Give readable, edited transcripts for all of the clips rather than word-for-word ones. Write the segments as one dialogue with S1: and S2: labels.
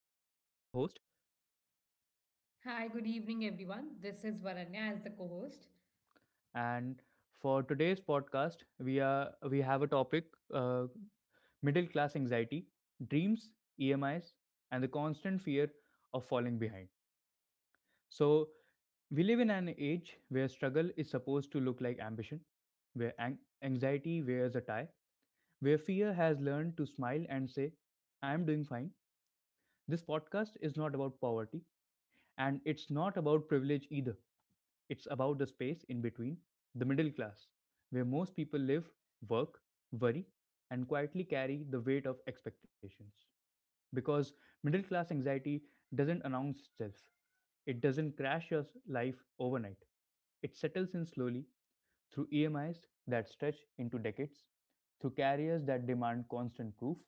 S1: host,
S2: Hi, good evening, everyone. This is Varanya as the co host.
S1: and for today's podcast, we have a topic: uh, middle class anxiety, dreams, EMIs, and the constant fear of falling behind. So we live in an age where struggle is supposed to look like ambition, where anxiety wears a tie, where fear has learned to smile and say, I'm doing fine. This podcast is not about poverty and it's not about privilege either. It's about the space in between, the middle class, where most people live, work, worry, and quietly carry the weight of expectations. Because middle class anxiety doesn't announce itself, it doesn't crash your life overnight. It settles in slowly through EMIs that stretch into decades, through carriers that demand constant proof,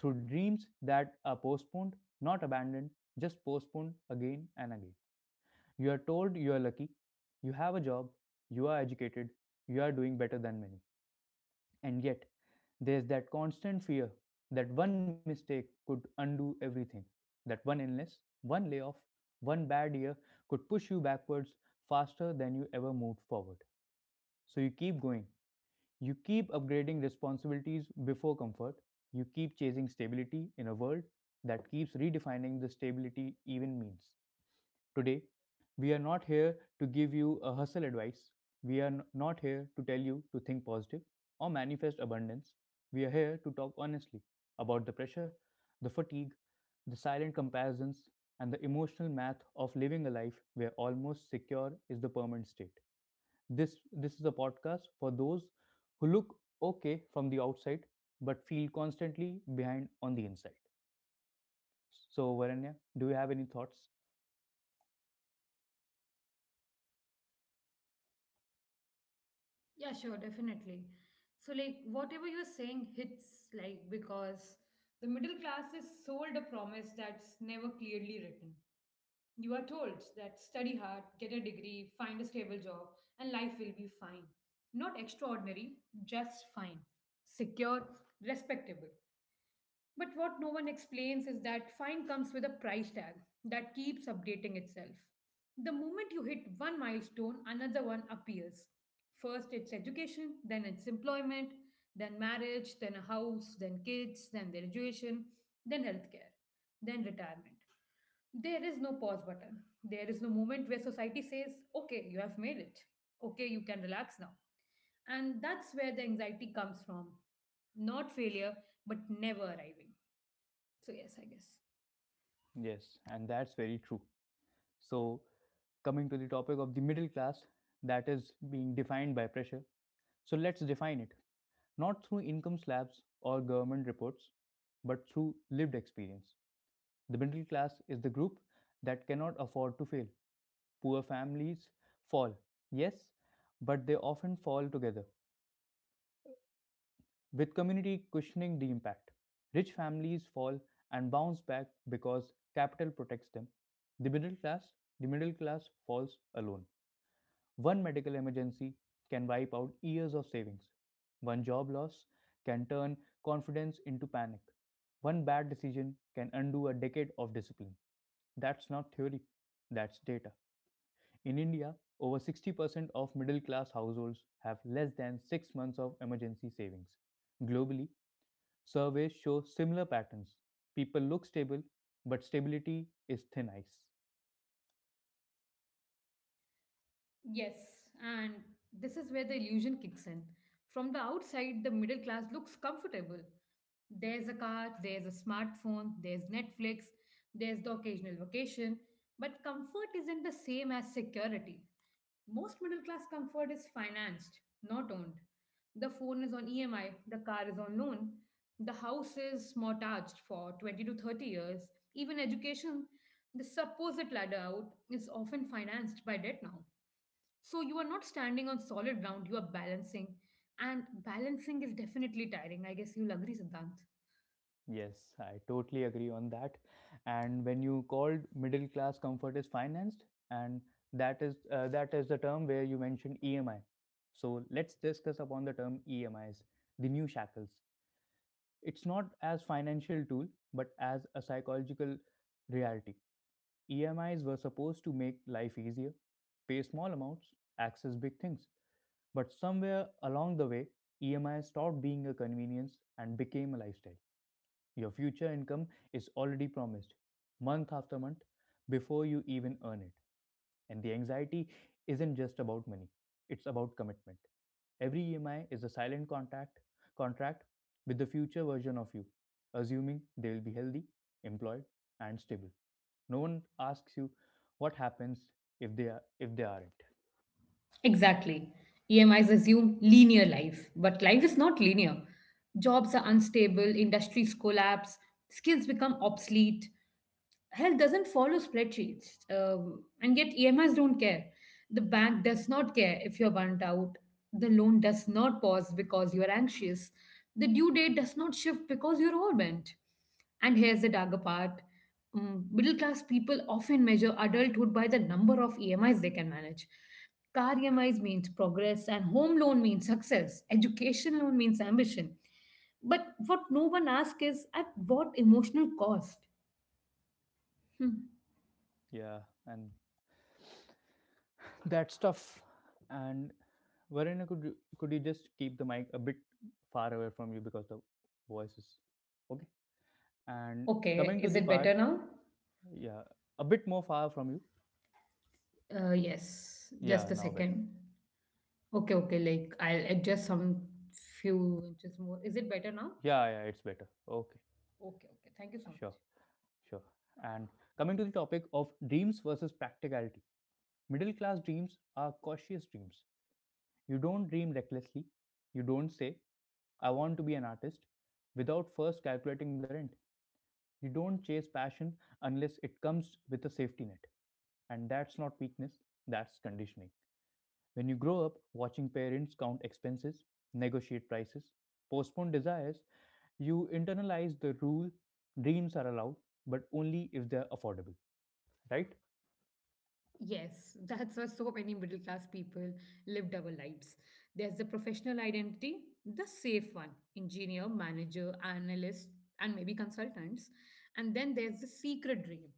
S1: through dreams that are postponed, not abandoned, just postponed again and again. You are told you are lucky, you have a job, you are educated, you are doing better than many. And yet, there's that constant fear that one mistake could undo everything, that one illness, one layoff, one bad year could push you backwards faster than you ever moved forward. So you keep going. You keep upgrading responsibilities before comfort. You keep chasing stability in a world that keeps redefining the stability even means. Today, we are not here to give you a hustle advice. We are not here to tell you to think positive or manifest abundance. We are here to talk honestly about the pressure, the fatigue, the silent comparisons, and the emotional math of living a life where almost secure is the permanent state. This is a podcast for those who look okay from the outside but feel constantly behind on the inside. So, Varanya, do you have any thoughts?
S2: Yeah, sure, definitely. So, like, whatever you're saying hits, like, because the middle class is sold a promise that's never clearly written. You are told that study hard, get a degree, find a stable job, and life will be fine. Not extraordinary, just fine. Secure, respectable. But what no one explains is that fine comes with a price tag that keeps updating itself. The moment you hit one milestone, another one appears. First, it's education, then, it's employment, then, marriage, then, a house, then, kids, then, their education, then, healthcare, then, retirement. There is no pause button. There is no moment where society says, okay, you have made it. Okay, you can relax now. And that's where the anxiety comes from. Not failure, but never arriving. So, yes, I guess.
S1: Yes, and that's very true. So, coming to the topic of the middle class that is being defined by pressure. So, let's define it not through income slabs or government reports, but through lived experience. The middle class is the group that cannot afford to fail. Poor families fall, yes, but they often fall together, with community cushioning the impact. Rich families fall and bounce back because capital protects them. The middle class, the middle class falls alone. One medical emergency can wipe out years of savings. One job loss can turn confidence into panic. One bad decision can undo a decade of discipline. That's not theory, that's data. In India, over 60% of middle class households have less than six months of emergency savings. Globally, surveys show similar patterns. People look stable, but stability is thin ice.
S2: Yes, and this is where the illusion kicks in. From the outside, the middle class looks comfortable. There's a car, there's a smartphone, there's Netflix, there's the occasional vacation, but comfort isn't the same as security. Most middle class comfort is financed, not owned. The phone is on EMI, the car is on loan, the house is mortgaged for 20 to 30 years. Even education, the supposed ladder out, is often financed by debt now. So you are not standing on solid ground, you are balancing. And balancing is definitely tiring. I guess you'll agree, Siddhant.
S1: Yes, I totally agree on that. And when you called middle class comfort is financed, and that is the term where you mentioned EMI. So let's discuss upon the term EMIs, the new shackles. It's not as financial tool, but as a psychological reality. EMIs were supposed to make life easier, pay small amounts, access big things. But somewhere along the way, EMI stopped being a convenience and became a lifestyle. Your future income is already promised month after month before you even earn it. And the anxiety isn't just about money, it's about commitment. Every EMI is a silent contract with the future version of you, assuming they will be healthy, employed, and stable. No one asks you what happens if they aren't.
S2: Exactly. EMIs assume linear life, but life is not linear. Jobs are unstable, industries collapse, skills become obsolete. Health doesn't follow spreadsheets, and yet EMIs don't care. The bank does not care if you're burnt out. The loan does not pause because you're anxious. The due date does not shift because you're overwhelmed. And here's the darker part. Middle class people often measure adulthood by the number of EMIs they can manage. Car EMIs means progress, and home loan means success, education loan means ambition. But what no one asks is at what emotional cost? Hmm.
S1: Yeah, and that stuff and Varuna, could you just keep the mic a bit far away from you because the voice is okay and coming
S2: Okay,
S1: to the
S2: is it
S1: part,
S2: better now?
S1: yeah, a bit more far from you.
S2: Yes,
S1: Yeah,
S2: just a
S1: now better.
S2: second. Okay, okay, like I'll adjust some few inches more. Is it better now?
S1: Yeah, it's better. Okay,
S2: Okay, okay, thank you so
S1: sure,
S2: much.
S1: sure, and coming to the topic of dreams versus practicality, middle class dreams are cautious dreams. You don't dream recklessly, you don't say I want to be an artist without first calculating the rent. You don't chase passion unless it comes with a safety net. And that's not weakness, that's conditioning. When you grow up watching parents count expenses, negotiate prices, postpone desires, you internalize the rule dreams are allowed, but only if they're affordable, right?
S2: Yes, that's why so many middle class people live double lives. There's the professional identity, the safe one, engineer, manager, analyst, and maybe consultants. And then there's the secret dream,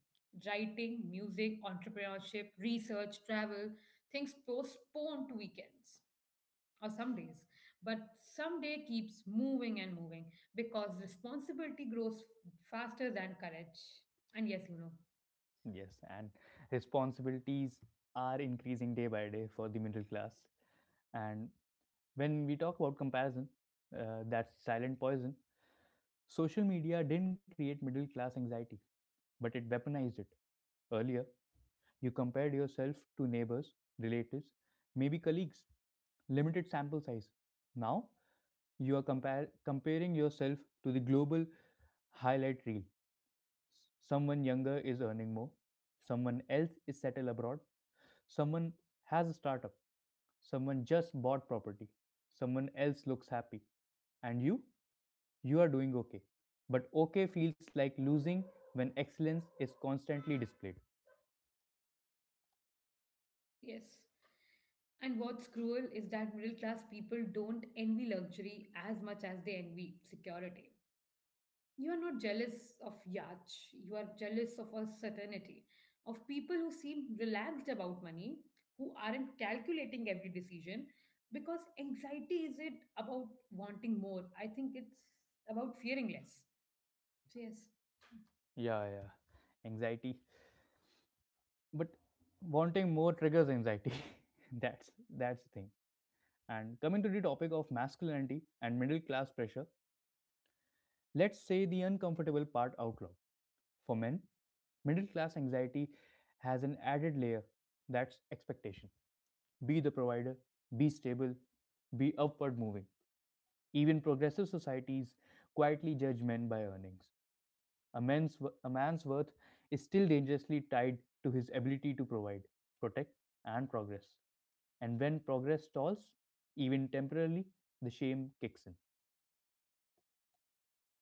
S2: writing, music, entrepreneurship, research, travel, things postponed to weekends or some days. But someday keeps moving and moving because responsibility grows faster than courage. And yes,
S1: Yes, and responsibilities are increasing day by day for the middle class. And when we talk about comparison, that's silent poison. Social media didn't create middle class anxiety, but it weaponized it. Earlier, you compared yourself to neighbors, relatives, maybe colleagues, limited sample size. Now, you are comparing yourself to the global highlight reel. Someone younger is earning more, someone else is settled abroad, someone has a startup, someone just bought property, someone else looks happy. And you? You are doing okay. But okay feels like losing when excellence is constantly displayed.
S2: yes. And what's cruel is that middle class people don't envy luxury as much as they envy security. You are not jealous of yachts, you are jealous of a certainty, of people who seem relaxed about money, who aren't calculating every decision, because anxiety isn't about wanting more. I think it's about fearing less. So, yes,
S1: Yeah, yeah. Anxiety. But wanting more triggers anxiety. That's the thing. And coming to the topic of masculinity and middle class pressure, let's say the uncomfortable part out loud. For men, middle class anxiety has an added layer, that's expectation. Be the provider, be stable, be upward moving. Even progressive societies quietly judge men by earnings. A man's worth is still dangerously tied to his ability to provide, protect, and progress. And when progress stalls, even temporarily, the shame kicks in.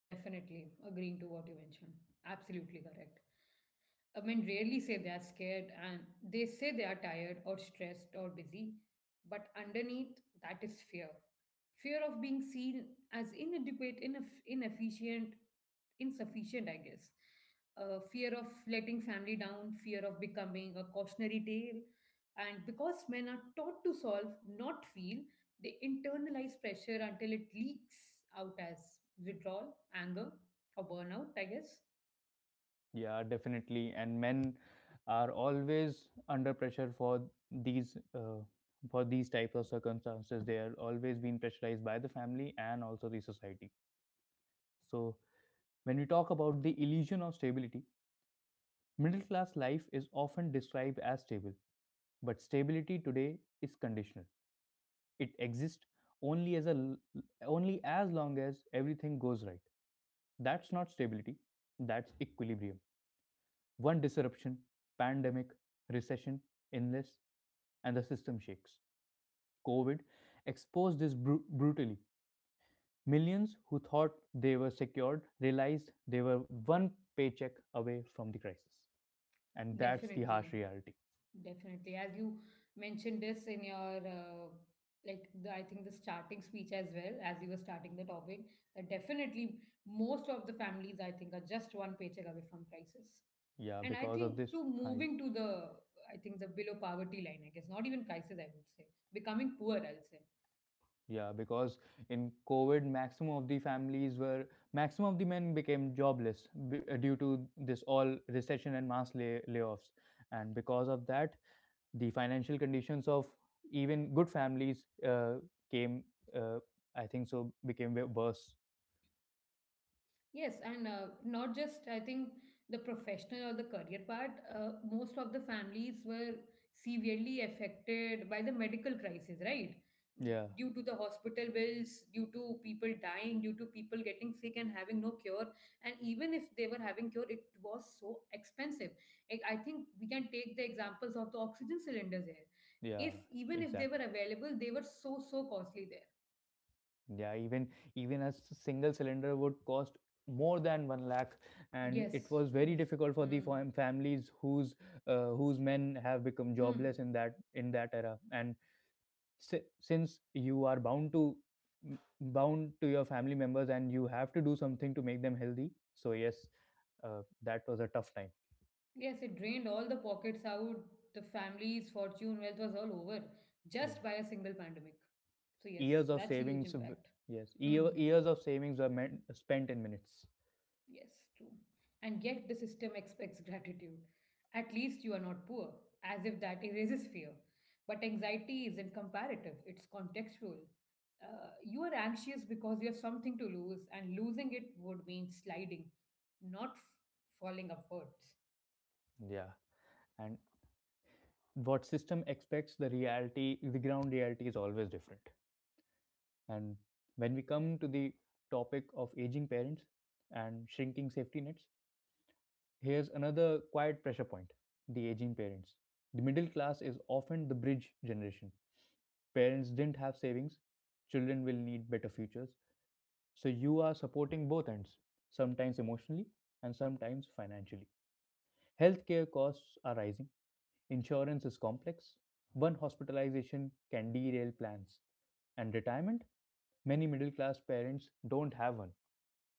S2: definitely agreeing to what you mentioned. Absolutely correct. I mean, rarely say they are scared and they say they are tired or stressed or busy, but underneath that is fear. Fear of being seen as inadequate, inefficient, insufficient, I guess. Fear of letting family down, fear of becoming a cautionary tale. And because men are taught to solve, not feel, they internalize pressure until it leaks out as withdrawal, anger, or burnout, I guess.
S1: Yeah, definitely. And men are always under pressure for these types of circumstances. They are always being pressurized by the family and also the society. So when we talk about the illusion of stability, middle class life is often described as stable, but stability today is conditional. It exists only as a l- only as long as everything goes right. That's not stability. That's equilibrium. One disruption, pandemic, recession, illness, and the system shakes. COVID exposed this brutally. Millions who thought they were secured realized they were one paycheck away from the crisis. And that's the harsh
S2: Definitely.
S1: reality.
S2: Definitely. As you mentioned this in your, like, I think the starting speech as well, as you were starting the topic, that definitely most of the families, I think, are just one paycheck away from crisis.
S1: Yeah,
S2: And I
S1: because of
S2: think
S1: this,
S2: to
S1: I
S2: moving to the, I think, the below poverty line, I guess, not even crisis, I would say, becoming poor, I'll say.
S1: Yeah, because in COVID, maximum of the men became jobless due to this all recession and mass layoffs, and because of that, the financial conditions of even good families came, uh, became worse.
S2: Yes, and not just I think the professional or the career part. Most of the families were severely affected by the medical crisis, right?
S1: Yeah,
S2: Due to the hospital bills, due to people dying, due to people getting sick and having no cure, and even if they were having cure, it was so expensive. I think we can take the examples of the oxygen cylinders here.
S1: yeah,
S2: If even if they
S1: exactly.
S2: were available, they were so costly there.
S1: Yeah, even even a single cylinder would cost more than one lakh, and it
S2: Yes,
S1: was
S2: yes.
S1: very difficult for the
S2: Hmm.
S1: families whose whose men have become
S2: Hmm.
S1: jobless in that era. And since you are bound to bound to your family members, and you have to do something to make them healthy. So yes, that was a tough time.
S2: Yes, it drained all the pockets out, the family's fortune, wealth was all over just
S1: Yeah,
S2: by a single pandemic. So, yes,
S1: years of
S2: that's a huge impact.
S1: Yes,
S2: Hmm.
S1: years of savings were meant, spent in minutes.
S2: Yes, true. And yet the system expects gratitude. At least you are not poor, as if that erases fear. But anxiety isn't comparative, it's contextual. You are anxious because you have something to lose, and losing it would mean sliding, not falling upwards.
S1: Yeah, and what system expects, the reality, the ground reality is always different. And when we come to the topic of aging parents and shrinking safety nets, here's another quiet pressure point, the aging parents. The middle class is often the bridge generation. Parents didn't have savings, children will need better futures, so you are supporting both ends, sometimes emotionally and sometimes financially. Healthcare costs are rising. Insurance is complex. One hospitalization can derail plans. And retirement? Many middle class parents don't have one.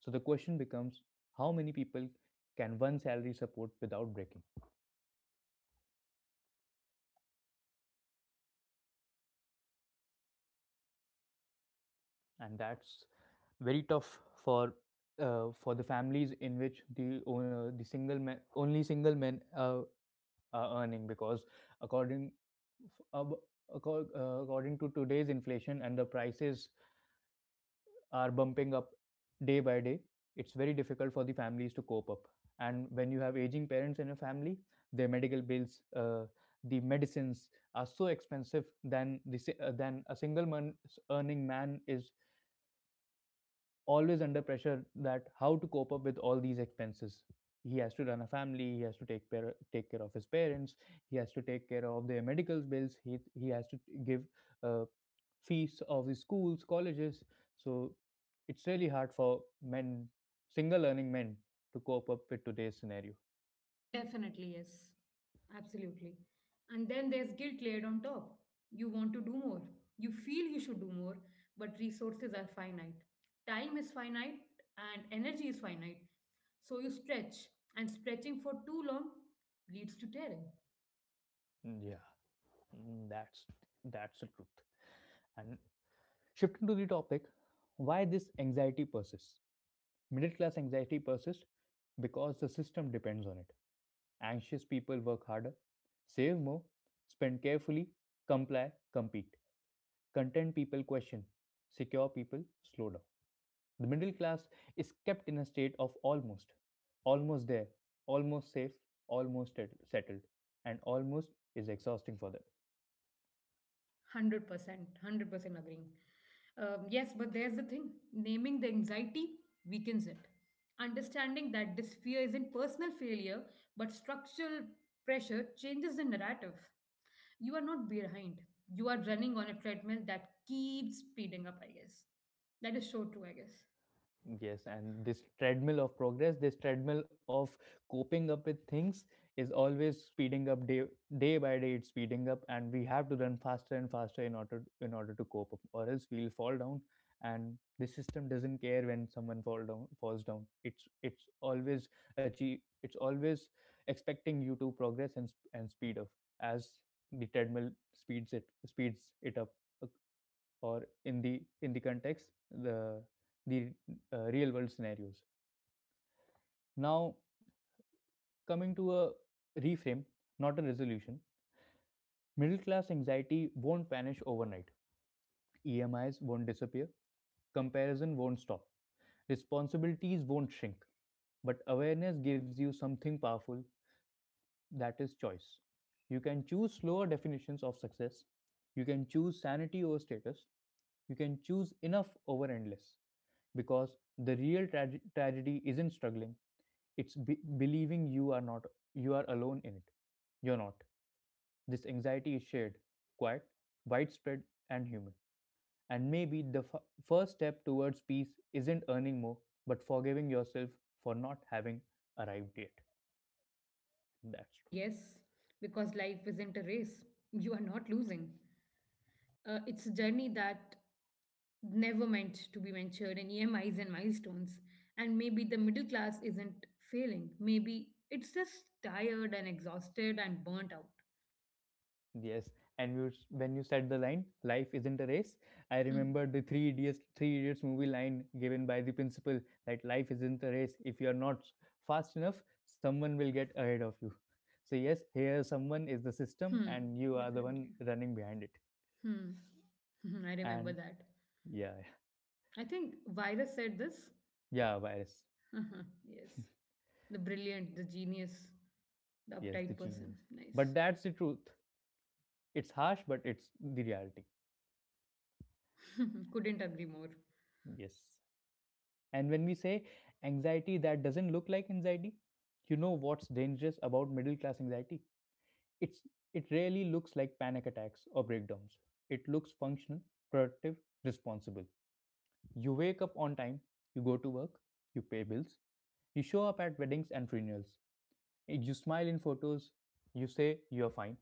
S1: So the question becomes, how many people can one salary support without breaking? And that's very tough for the families in which the single men, only single men are earning because according f- according to today's inflation and the prices are bumping up day by day, it's very difficult for the families to cope up. And when you have aging parents in a family, their medical bills, the medicines are so expensive than the than a single man earning man is always under pressure that how to cope up with all these expenses. He has to run a family, he has to take care of his parents, he has to take care of their medical bills, he has to give uh, fees of the schools, colleges, so it's really hard for men, single earning men, to cope up with today's scenario.
S2: Definitely, yes. Absolutely. And then there's guilt layered on top. You want to do more. You feel you should do more, but resources are finite. Time is finite and energy is finite. So you stretch, and stretching for too long leads to tearing.
S1: Mm, yeah mm, that's that's the truth. And shifting to the topic, why this anxiety persists. Middle class anxiety persists because the system depends on it. Anxious people work harder, save more, spend carefully, comply, compete. Content people question, secure people slow down. The middle class is kept in a state of almost, almost there, almost safe, almost settled, and almost is exhausting for them.
S2: 100%, 100% agreeing. Yes, but there's the thing naming the anxiety weakens it. Understanding that this fear isn't personal failure but structural pressure changes the narrative. You are not behind, you are running on a treadmill that keeps speeding up, I guess. That is so true, I guess.
S1: Yes, and this treadmill of progress, this treadmill of coping up with things is always speeding up day by day it's speeding up, and we have to run faster and faster in order to cope up, or else we'll fall down. And the system doesn't care when someone falls down. It's always achieve it's always expecting you to progress and speed up as the treadmill speeds it up, or in the context, the real world scenarios. Now, coming to a reframe, not a resolution. Middle class anxiety won't vanish overnight, emis won't disappear, comparison won't stop, responsibilities won't shrink, but awareness gives you something powerful, that is choice. You can choose slower definitions of success. You can choose sanity over status. You can choose enough over endless. Because the real tragedy isn't struggling, it's believing you are not you are alone in it. You're not. This anxiety is shared, quiet, widespread, and human. And maybe the first step towards peace isn't earning more, but forgiving yourself for not having arrived yet. That's
S2: And
S1: true.
S2: yes, because life isn't a race, you are not losing. It's a journey that never meant to be mentioned in EMIs and milestones. And maybe the middle class isn't failing. Maybe it's just tired and exhausted and burnt out.
S1: Yes, and you, when you said the line, "Life isn't a race," I
S2: Hmm.
S1: remember the Three Idiots movie line given by the principal that life isn't a race. If you are not fast enough, someone will get ahead of you. So yes, here someone is the system,
S2: Hmm.
S1: and you are the
S2: Definitely.
S1: one running behind it.
S2: Hmm. I remember
S1: And
S2: that.
S1: yeah,
S2: I think Virus said this.
S1: yeah, virus.
S2: Yes. The brilliant, the genius, the
S1: Yes,
S2: uptight
S1: the
S2: person.
S1: genius.
S2: Nice.
S1: But that's the truth. It's harsh, but it's the reality.
S2: Couldn't agree more.
S1: Yes. And when we say anxiety that doesn't look like anxiety, you know what's dangerous about middle class anxiety? It's it rarely looks like panic attacks or breakdowns. It looks functional, productive, responsible. You wake up on time, you go to work, you pay bills, you show up at weddings and funerals, you smile in photos, you say you're fine,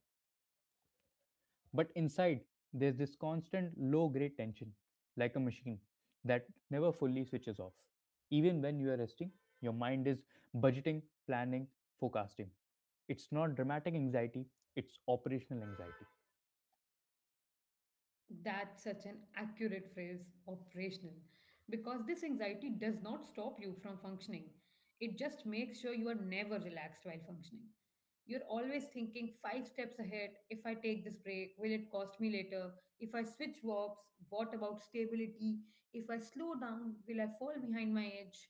S1: but inside, there's this constant low grade tension, like a machine that never fully switches off. Even when you are resting, your mind is budgeting, planning, forecasting. It's not dramatic anxiety, it's operational anxiety.
S2: That's such an accurate phrase, operational, because this anxiety does not stop you from functioning. It just makes sure you are never relaxed while functioning. You're always thinking five steps ahead. If I take this break, will it cost me later? If I switch jobs, what about stability? If I slow down, will I fall behind my age?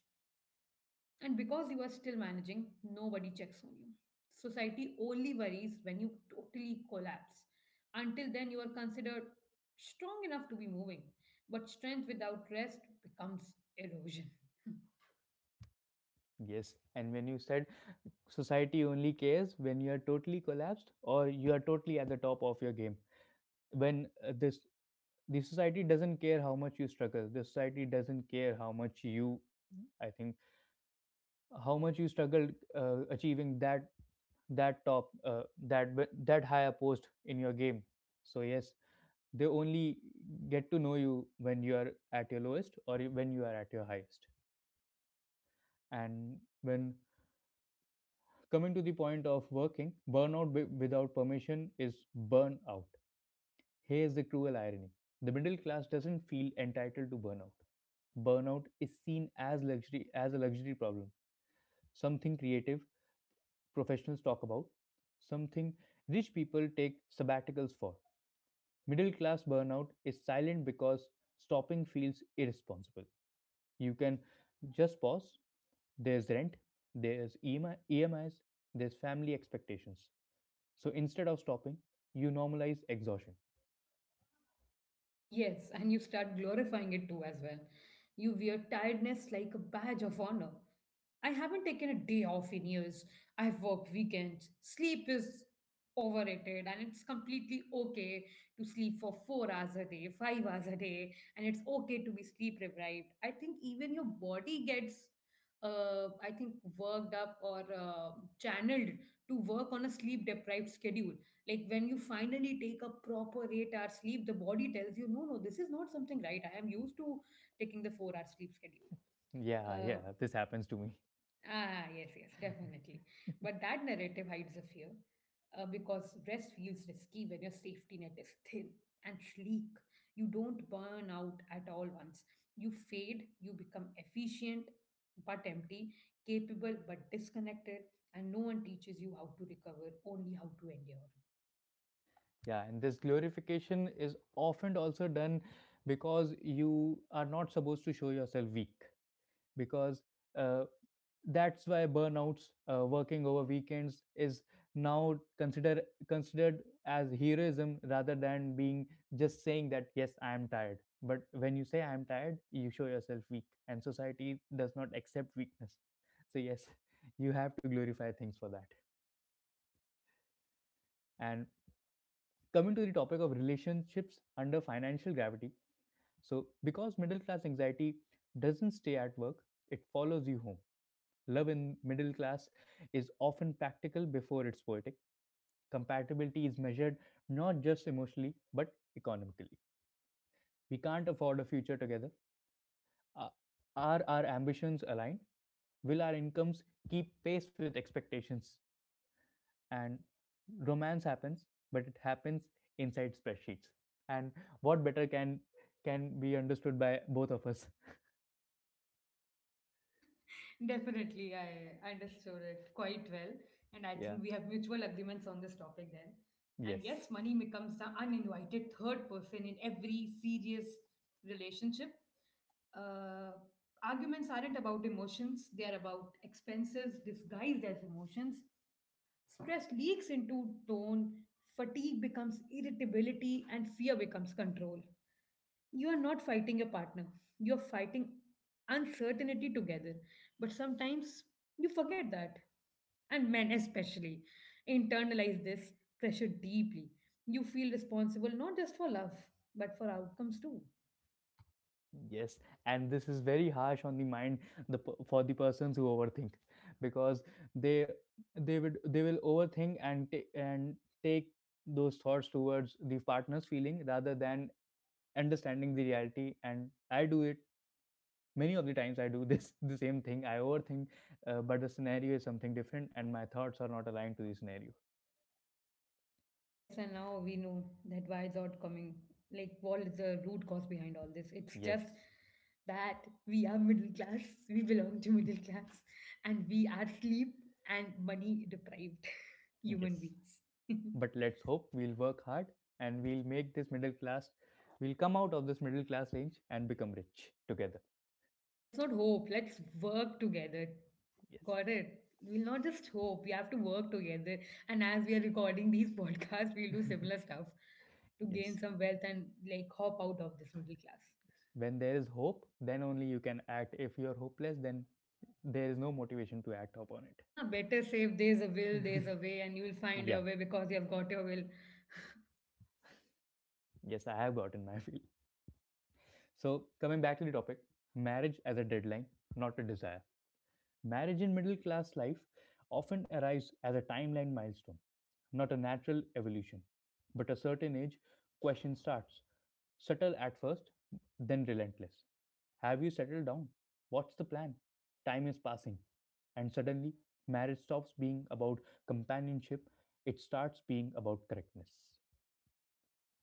S2: And because you are still managing, nobody checks on you. Society only worries when you totally collapse. Until then, you are considered strong enough to be moving. But strength without rest becomes erosion.
S1: Yes, and when you said society only cares when you are totally collapsed or you are totally at the top of your game, when this the society doesn't care how much you struggle, the society doesn't care how much you, I think, how much you struggled achieving that that top that that higher post in your game. So yes, they only get to know you when you are at your lowest or when you are at your highest. And when coming to the point of working burnout without permission is burnout, here's the cruel irony. The middle class doesn't feel entitled to burnout. Burnout is seen as luxury as a luxury problem, something creative professionals talk about, something rich people take sabbaticals for. Middle class burnout is silent because stopping feels irresponsible. You can just pause. There's rent, there's EMIs, there's family expectations. So instead of stopping, you normalize exhaustion.
S2: Yes, and you start glorifying it too as well. You wear tiredness like a badge of honor. I haven't taken a day off in years. I've worked weekends. Sleep is overrated, and it's completely okay to sleep for 4 hours a day, 5 hours a day, and it's okay to be sleep deprived. I think even your body gets I think worked up or channeled to work on a sleep deprived schedule, like when you finally take a proper 8 hour sleep, the body tells you no no, this is not something right, I am used to taking the 4 hour sleep schedule.
S1: Yeah,
S2: uh,
S1: yeah, this happens to me.
S2: yes, yes, definitely. But that narrative hides a fear, because rest feels risky when your safety net is thin and sleek. You don't burn out at all once, you fade, you become efficient but empty, capable but disconnected, and no one teaches you how to recover, only how to endure.
S1: Yeah, and this glorification is often also done because you are not supposed to show yourself weak. Because uh, that's why burnouts, working over weekends, is now considered as heroism rather than being just saying that yes, I am tired. But when you say I am tired, you show yourself weak, and society does not accept weakness. So yes, you have to glorify things for that. And coming to the topic of relationships under financial gravity. So, because middle class anxiety doesn't stay at work, it follows you home. Love in middle class is often practical before it's poetic. Compatibility is measured not just emotionally but economically. We can't afford a future together. Uh, Are our ambitions aligned? Will our incomes keep pace with expectations? And romance happens, but it happens inside spreadsheets. And what better can be understood by both of us?
S2: Definitely, I understood it quite well. And I think
S1: Yeah.
S2: we have mutual agreements on this topic then. And yes,
S1: Yes,
S2: money becomes the uninvited third person in every serious relationship. Uh, Arguments aren't about emotions, they are about expenses disguised as emotions. Stress leaks into tone, fatigue becomes irritability, and fear becomes control. You are not fighting your partner, you are fighting uncertainty together. But sometimes you forget that. And men, especially, internalize this pressure deeply. You feel responsible not just for love, but for outcomes too.
S1: yes, and this is very harsh on the mind, the for the persons who overthink, because they they will overthink and take those thoughts towards the partner's feeling rather than understanding the reality. And I do it many of the times. I do this the same thing. I overthink, but the scenario is something different, and my thoughts are not aligned to the scenario.
S2: Yes, and now we know that why it's out coming. Like, what is the root cause behind all this? It's just
S1: Yes,
S2: that we are middle class, we belong to middle class, and we are sleep and money deprived human
S1: yes,
S2: beings.
S1: but let's hope we'll work hard and we'll make this middle class, we'll come out of this middle class range and become rich together.
S2: Let's not hope, let's work together. Got
S1: Yes,
S2: it? We'll not just hope, we have to work together. And as we are recording these podcasts, we'll do similar stuff to gain
S1: yes,
S2: some wealth and like hop out of this middle class.
S1: yes, when there is hope then only you can act. If you're hopeless, then there is no motivation to act upon it.
S2: Haha, better safe. There's a will, there's a way, and you'll find your way
S1: Yeah,
S2: because you've got your will.
S1: yes, I have gotten my feel. So coming back to the topic, marriage as a deadline, not a desire. Marriage in middle class life often arrives as a timeline milestone, not a natural evolution. But a certain age, question starts, subtle at first, then relentless. Have you settled down? What's the plan? Time is passing. And suddenly, marriage stops being about companionship, it starts being about correctness.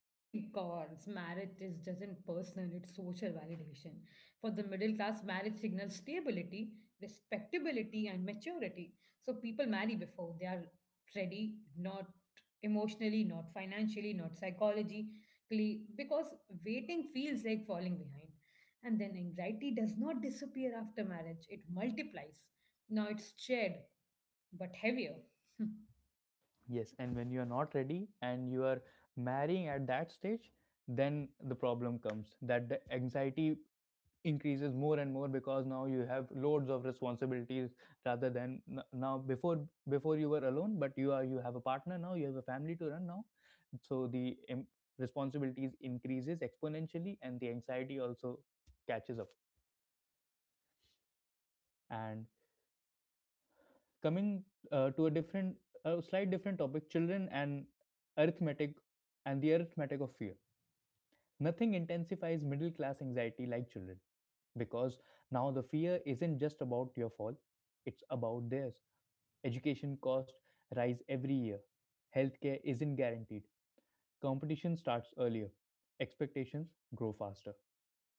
S2: Because marriage is doesn't personal, it's social validation. For the middle class, marriage signals stability, respectability, and maturity. So people marry before they are ready, not emotionally, not financially, not psychologically, because waiting feels like falling behind. And then anxiety does not disappear after marriage, it multiplies. Now it's shared, but heavier.
S1: Yes, and when you are not ready and you are marrying at that stage, then the problem comes that the anxiety increases more and more because now you have loads of responsibilities rather than n- now before you were alone, but you have a partner now, you have a family to run now. So responsibilities increases exponentially and the anxiety also catches up. And coming to a different, a slight different topic, children and arithmetic, and the arithmetic of fear. Nothing intensifies middle class anxiety like children, because now the fear isn't just about your fall, it's about theirs. Education costs rise every year, healthcare isn't guaranteed, competition starts earlier, expectations grow faster.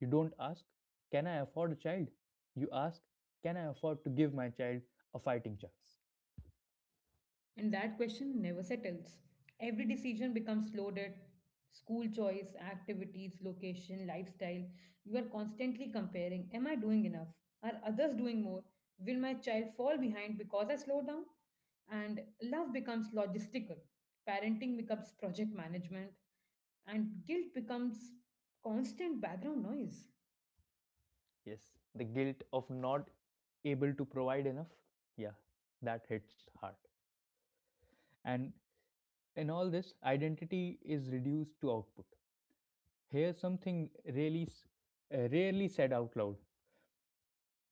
S1: You don't ask, can I afford a child? You ask, can I afford to give my child a fighting chance?
S2: And that question never settles. Every decision becomes loaded: school choice, activities, location, lifestyle. You are constantly comparing: Am I doing enough? Are others doing more? Will my child fall behind because I slow down? And love becomes logistical, parenting becomes project management, and guilt becomes constant background noise.
S1: Yes, the guilt of not able to provide enough, yeah, that hits hard. And in all this, identity is reduced to output. Here's something really, rarely said out loud,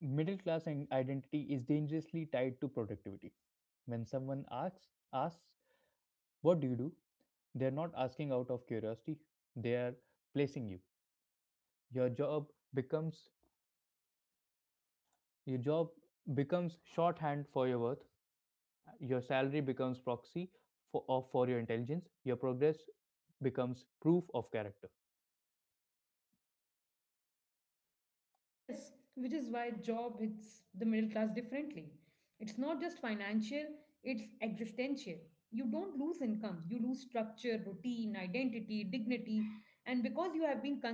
S1: middle class identity is dangerously tied to productivity. When someone asks, what do you do? They're not asking out of curiosity, they are placing you. Your job becomes your job becomes shorthand for your worth, your salary becomes proxy for your intelligence, your progress becomes proof of character.
S2: Yes, which is why job hits the middle class differently. It's not just financial, it's existential. You don't lose income, you lose structure, routine, identity, dignity, and because you have been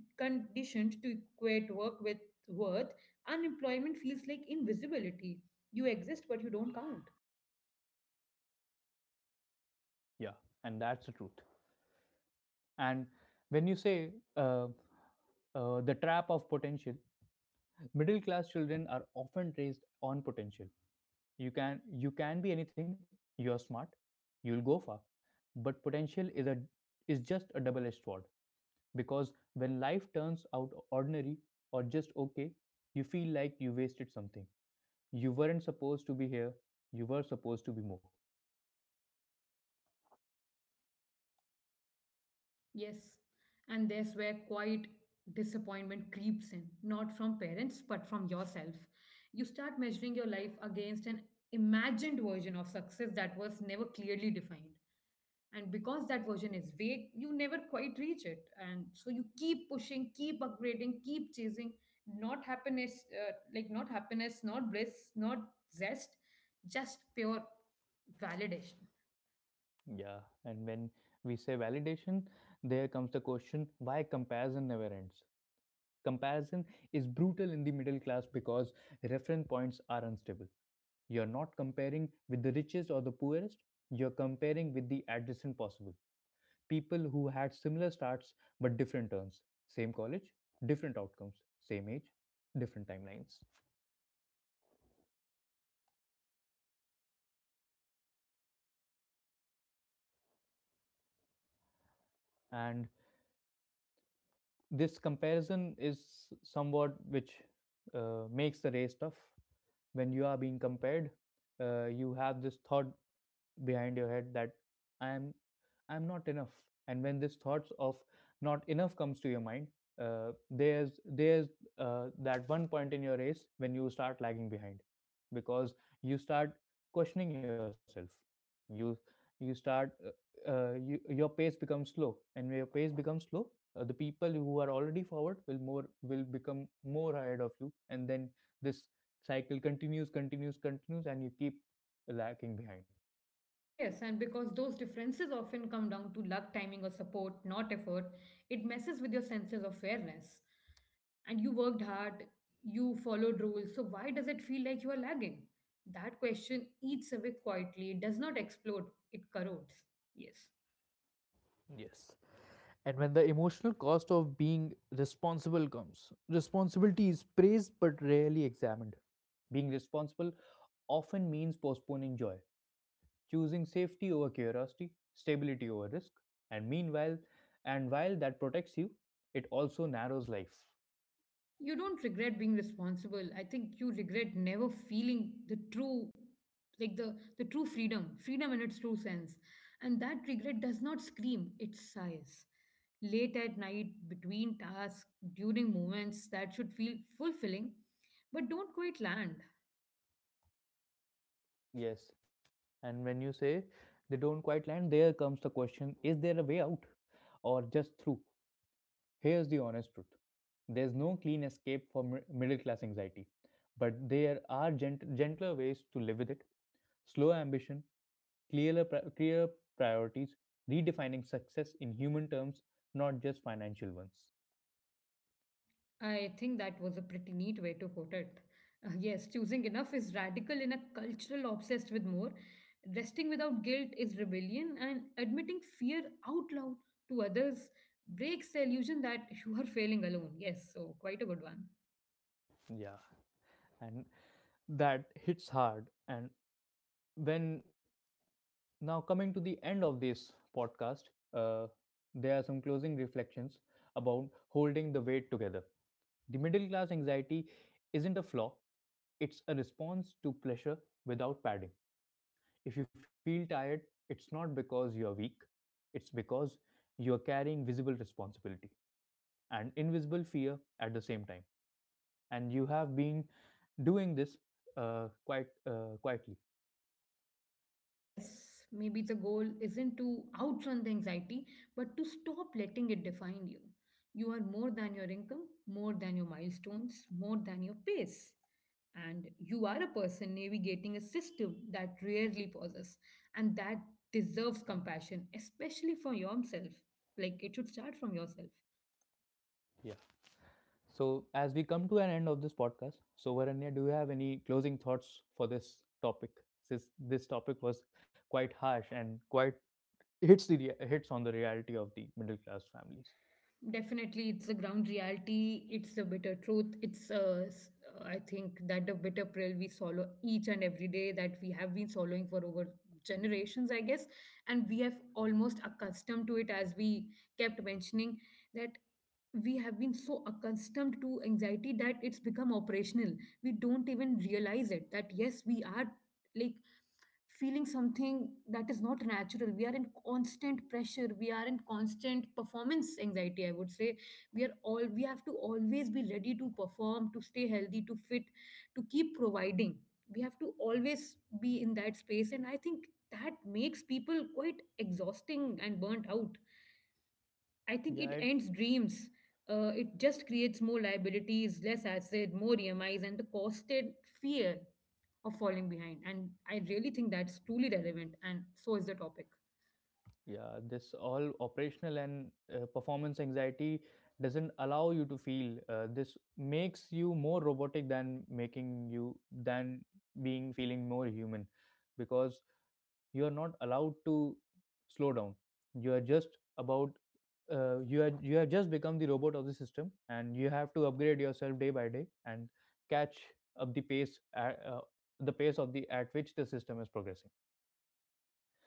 S2: conditioned to equate work with worth, unemployment feels like invisibility. You exist, but you don't count.
S1: Yeah, and that's the truth. And when you say the trap of potential, middle class children are often raised on potential. You can be anything. You're smart. You'll go far. But potential is just a double edged sword, because when life turns out ordinary or just okay, you feel like you wasted something. You weren't supposed to be here. You were supposed to be more.
S2: Yes, and there's where quiet disappointment creeps in, not from parents, but from yourself. You start measuring your life against an imagined version of success that was never clearly defined. And because that version is vague, you never quite reach it. And so you keep pushing, keep upgrading, keep chasing, not happiness, not happiness, not bliss, not zest, just pure validation.
S1: Yeah, and when we say validation, there comes the question why comparison never ends. Comparison is brutal in the middle class because reference points are unstable. You're not comparing with the richest or the poorest, you're comparing with the adjacent possible. People who had similar starts but different turns, same college, different outcomes, same age, different timelines. And this comparison is somewhat which makes the race tough. When you are being compared, you have this thought behind your head that I am I'm not enough. And when this thoughts of not enough comes to your mind, there's that one point in your race when you start lagging behind, because you start questioning yourself. You you start your pace becomes slow, and when your pace becomes slow, the people who are already forward will become more ahead of you, and then this cycle continues, and you keep lagging behind.
S2: Yes, and because those differences often come down to luck, timing, or support, not effort, it messes with your senses of fairness. And you worked hard, you followed rules, so why does it feel like you are lagging? That question eats away quietly, it does not explode, it corrodes. Yes.
S1: Yes. And when the emotional cost of being responsible comes, responsibility is praised but rarely examined. Being responsible often means postponing joy, choosing safety over curiosity, stability over risk, and meanwhile and while that protects you, it also narrows life.
S2: You don't regret being responsible. I think you regret never feeling the true, like the true freedom in its true sense. And that regret does not scream, it sighs late at night between tasks, during moments that should feel fulfilling but don't quite land.
S1: Yes, and when you say they don't quite land, there comes the question, is there a way out or just through? Here's the honest truth, there's no clean escape for middle class anxiety, but there are gentler ways to live with it. Slow ambition, clear priorities, redefining success in human terms, not just financial ones.
S2: I think that was a pretty neat way to put it. Yes, choosing enough is radical in a cultural obsessed with more. Resting without guilt is rebellion, and admitting fear out loud to others breaks the illusion that you are failing alone. Yes, so quite a good one.
S1: Yeah, and that hits hard. And when now, coming to the end of this podcast, uh, there are some closing reflections about holding the weight together. The middle class anxiety isn't a flaw, it's a response to pleasure without padding. If you feel tired, it's not because you are weak, it's because you are carrying visible responsibility and invisible fear at the same time. And you have been doing this quite quietly.
S2: Yes, maybe the goal isn't to outrun the anxiety, but to stop letting it define you. You are more than your income, more than your milestones, more than your pace. And you are a person navigating a system that rarely pauses, and that deserves compassion, especially for yourself. Like, it should start from yourself.
S1: Yeah. So, as we come to an end of this podcast, so Varanya, do you have any closing thoughts for this topic? Since this topic was quite harsh and quite hits on the reality of the middle class families.
S2: Definitely, it's the ground reality. It's the bitter truth. It's, I think, that the bitter pill we swallow each and every day, that we have been swallowing for over generations, I guess. And we have almost accustomed to it, as we kept mentioning, that we have been so accustomed to anxiety that it's become operational. We don't even realize it, that yes, we are like feeling something that is not natural. We are in constant pressure, we are in constant performance anxiety, I would say. We are all, we have to always be ready to perform, to stay healthy, to fit, to keep providing. We have to always be in that space, and I think that makes people quite exhausting and burnt out. I think it
S1: Yeah,
S2: ends
S1: it
S2: dreams. It just creates more liabilities, less asset, more EMIs, and the constant fear of falling behind. And I really think that's truly relevant, and so is the topic.
S1: yeah, this all operational and performance anxiety doesn't allow you to feel. This makes you more robotic than making you than being feeling more human, because you are not allowed to slow down. you are just about you are you have just become the robot of the system, and you have to upgrade yourself day by day, and catch up the pace at, the pace of the at which the system is progressing.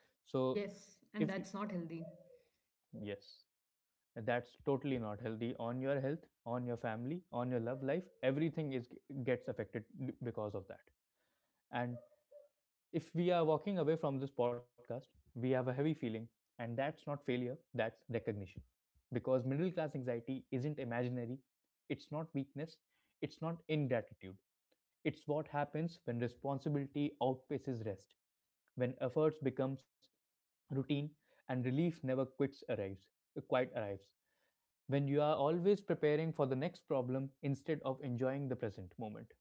S1: So
S2: Yes, and
S1: if
S2: that's
S1: you,
S2: not healthy.
S1: yes, that's totally not healthy, on your health, on your family, on your love life, everything is gets affected because of that. And if we are walking away from this podcast, we have a heavy feeling, and that's not failure, that's recognition. Because middle class anxiety isn't imaginary, it's not weakness, it's not ingratitude. It's what happens when responsibility outpaces rest, when efforts becomes routine and relief never quits arrives, quite arrives. When you are always preparing for the next problem instead of enjoying the present moment.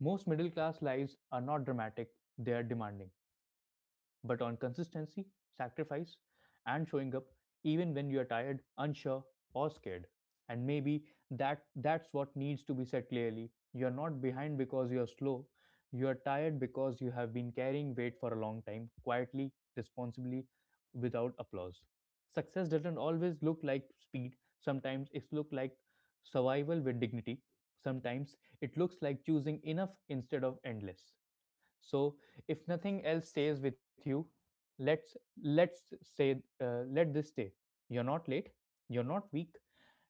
S1: Most middle class lives are not dramatic, they are demanding but on consistency, sacrifice, and showing up even when you are tired, unsure, or scared. And maybe that's what needs to be said clearly. You are not behind because you are slow. You are tired because you have been carrying weight for a long time, quietly, responsibly, without applause. Success doesn't always look like speed. Sometimes it looks like survival with dignity. Sometimes it looks like choosing enough instead of endless. So if nothing else stays with you, let's let's say, let this stay. You're not late, you're not weak,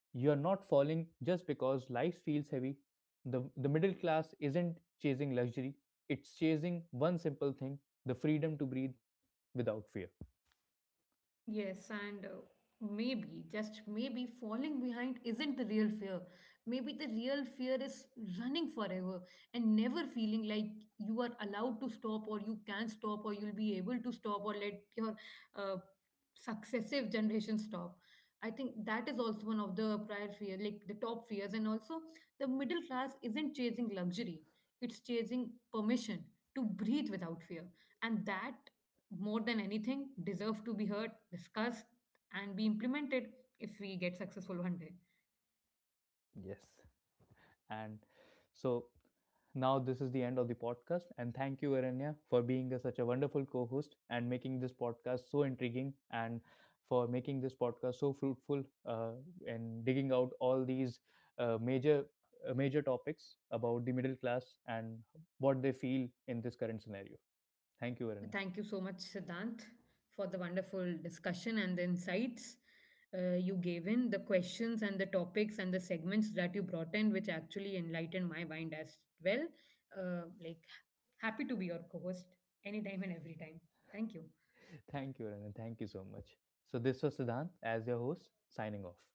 S1: you're not falling just because life feels heavy. The middle class isn't chasing luxury, it's chasing one simple thing, the freedom to breathe without fear.
S2: Yes, and maybe, just maybe, falling behind isn't the real fear. Maybe the real fear is running forever and never feeling like you are allowed to stop, or you can stop, or you'll be able to stop, or let your uh, successive generations stop. I think that is also one of the prior fear, like the top fears, and also the middle class isn't chasing luxury. It's chasing permission to breathe without fear. And that, more than anything, deserve to be heard, discussed, and be implemented if we get successful one day.
S1: Yes, and so now, this is the end of the podcast, and thank you, Aranya, for being such a wonderful co host and making this podcast so intriguing and for making this podcast so fruitful, and digging out all these uh, major. Major topics about the middle class and what they feel in this current scenario. Thank you,
S2: Thank
S1: Aranya.
S2: you so much, Siddhant, for the wonderful discussion and the insights you gave in, the questions and the topics and the segments that you brought in, which actually enlightened my mind as well. Uh, like, Happy to be your co host anytime and every time. Thank you.
S1: Thank you, Aranya. Thank you so much. So, this was Siddhant as your host, signing off.